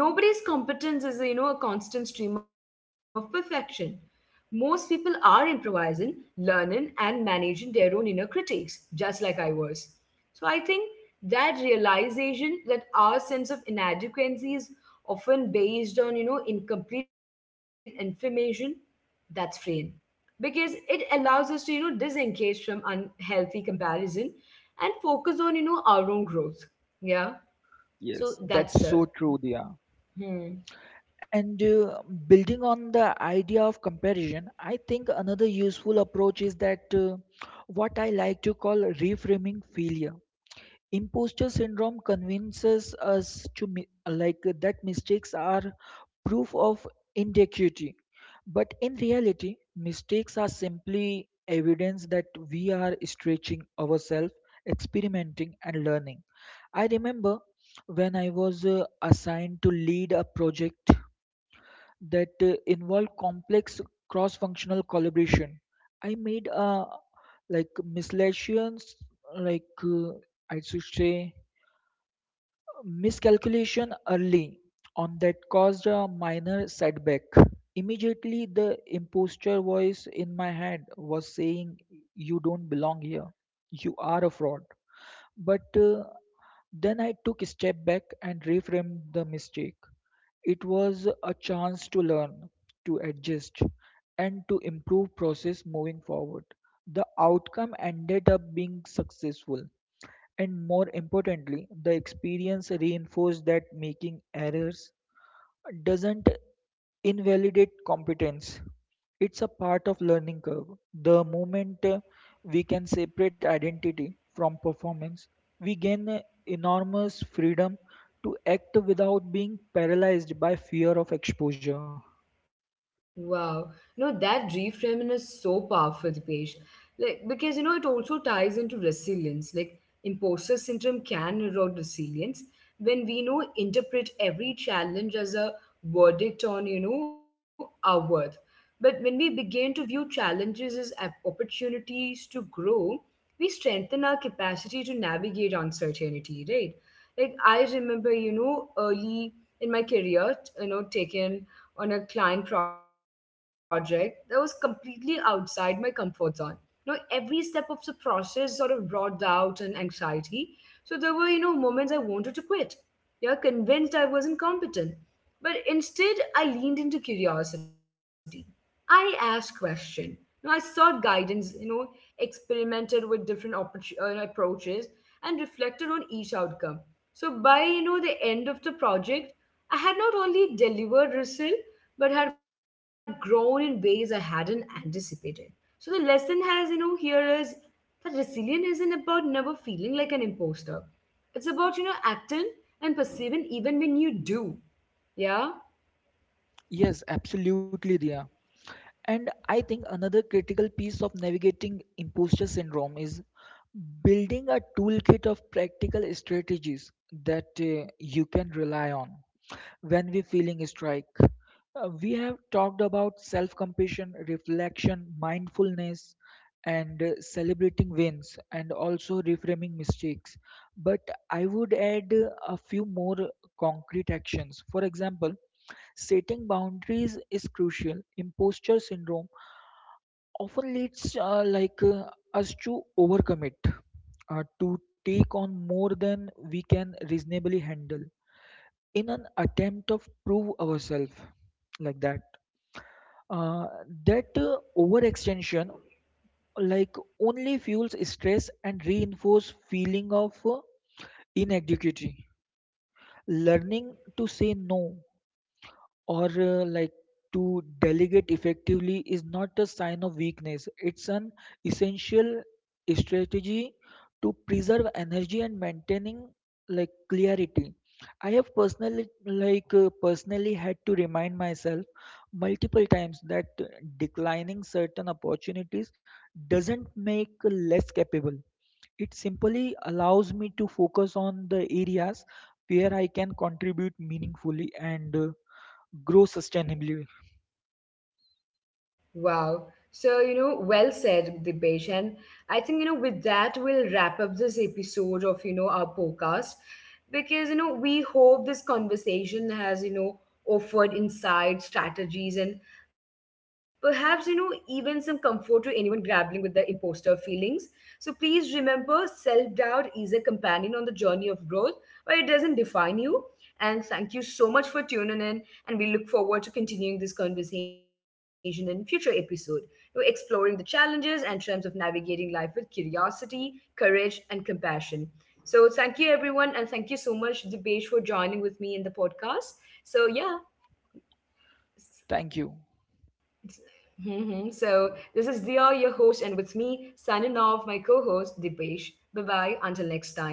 Speaker 1: Nobody's competence is a constant stream of perfection. Most people are improvising, learning, and managing their own inner critics, just like I was. So I think that realization, that our sense of inadequacy is often based on incomplete information, that's freeing because it allows us to disengage from unhealthy comparison and focus on our own growth. Yeah.
Speaker 2: Yes,
Speaker 1: So that's
Speaker 2: that's
Speaker 1: the...
Speaker 2: so true, Dia.
Speaker 1: Hmm.
Speaker 2: And building on the idea of comparison, I think another useful approach is that what I like to call reframing failure. Imposter syndrome convinces us to that mistakes are proof of inadequacy, but in reality mistakes are simply evidence that we are stretching ourselves, experimenting, and learning. I remember when I was assigned to lead a project that involved complex cross functional collaboration. I made a like miscellaneous like I should say miscalculation early on that caused a minor setback. Immediately, the imposture voice in my head was saying, you don't belong here, you are a fraud. But then I took a step back and reframed the mistake. It was a chance to learn, to adjust, and to improve process moving forward. The outcome ended up being successful, and more importantly, the experience reinforced that making errors doesn't invalidate competence. It's a part of learning curve. The moment we can separate identity from performance, we gain enormous freedom to act without being paralyzed by fear of exposure.
Speaker 1: Wow. No, that reframing is so powerful, Dipesh. Like, because, it also ties into resilience. Like, imposter syndrome can erode resilience when we, interpret every challenge as a verdict on, our worth. But when we begin to view challenges as opportunities to grow, we strengthen our capacity to navigate uncertainty, right? Like, I remember, early in my career, you know, taking on a client project that was completely outside my comfort zone. Every step of the process sort of brought doubt and anxiety. So there were, moments I wanted to quit. Yeah, convinced I wasn't competent. But instead, I leaned into curiosity. I asked questions. I sought guidance, you know, experimented with different approaches, and reflected on each outcome. So by, the end of the project, I had not only delivered result, but had grown in ways I hadn't anticipated. So the lesson has, you know, here is that resilience isn't about never feeling like an imposter. It's about, you know, acting and perceiving even when you do. Yeah?
Speaker 2: Yes, absolutely, Dia. And I think another critical piece of navigating imposter syndrome is building a toolkit of practical strategies that you can rely on when we're feeling a strike. We have talked about self compassion, reflection, mindfulness, and celebrating wins, and also reframing mistakes. But I would add a few more concrete actions. For example, setting boundaries is crucial. Imposter syndrome often leads us to overcommit, to take on more than we can reasonably handle in an attempt of prove ourselves, like that. uh, overextension like only fuels stress and reinforce feeling of inadequacy. Learning to say no, or to delegate effectively, is not a sign of weakness. It's an essential strategy to preserve energy and maintaining like clarity. I have personally had to remind myself multiple times that declining certain opportunities doesn't make less capable. It simply allows me to focus on the areas where I can contribute meaningfully and grow sustainably.
Speaker 1: Wow. So, well said, Dipesh. And I think, you know, with that, we'll wrap up this episode of, our podcast because, you know, we hope this conversation has, you know, offered insights, strategies, and perhaps, you know, even some comfort to anyone grappling with the imposter feelings. So please remember, self doubt is a companion on the journey of growth, but it doesn't define you. And thank you so much for tuning in. And we look forward to continuing this conversation in future episodes. We're exploring the challenges and terms of navigating life with curiosity, courage, and compassion. So, thank you, everyone, and thank you so much, Dipesh, for joining with me in the podcast. So, yeah.
Speaker 2: Thank you.
Speaker 1: Mhm. So, this is Dia, your host, and with me, signing off, my co host, Dipesh. Bye bye, until next time.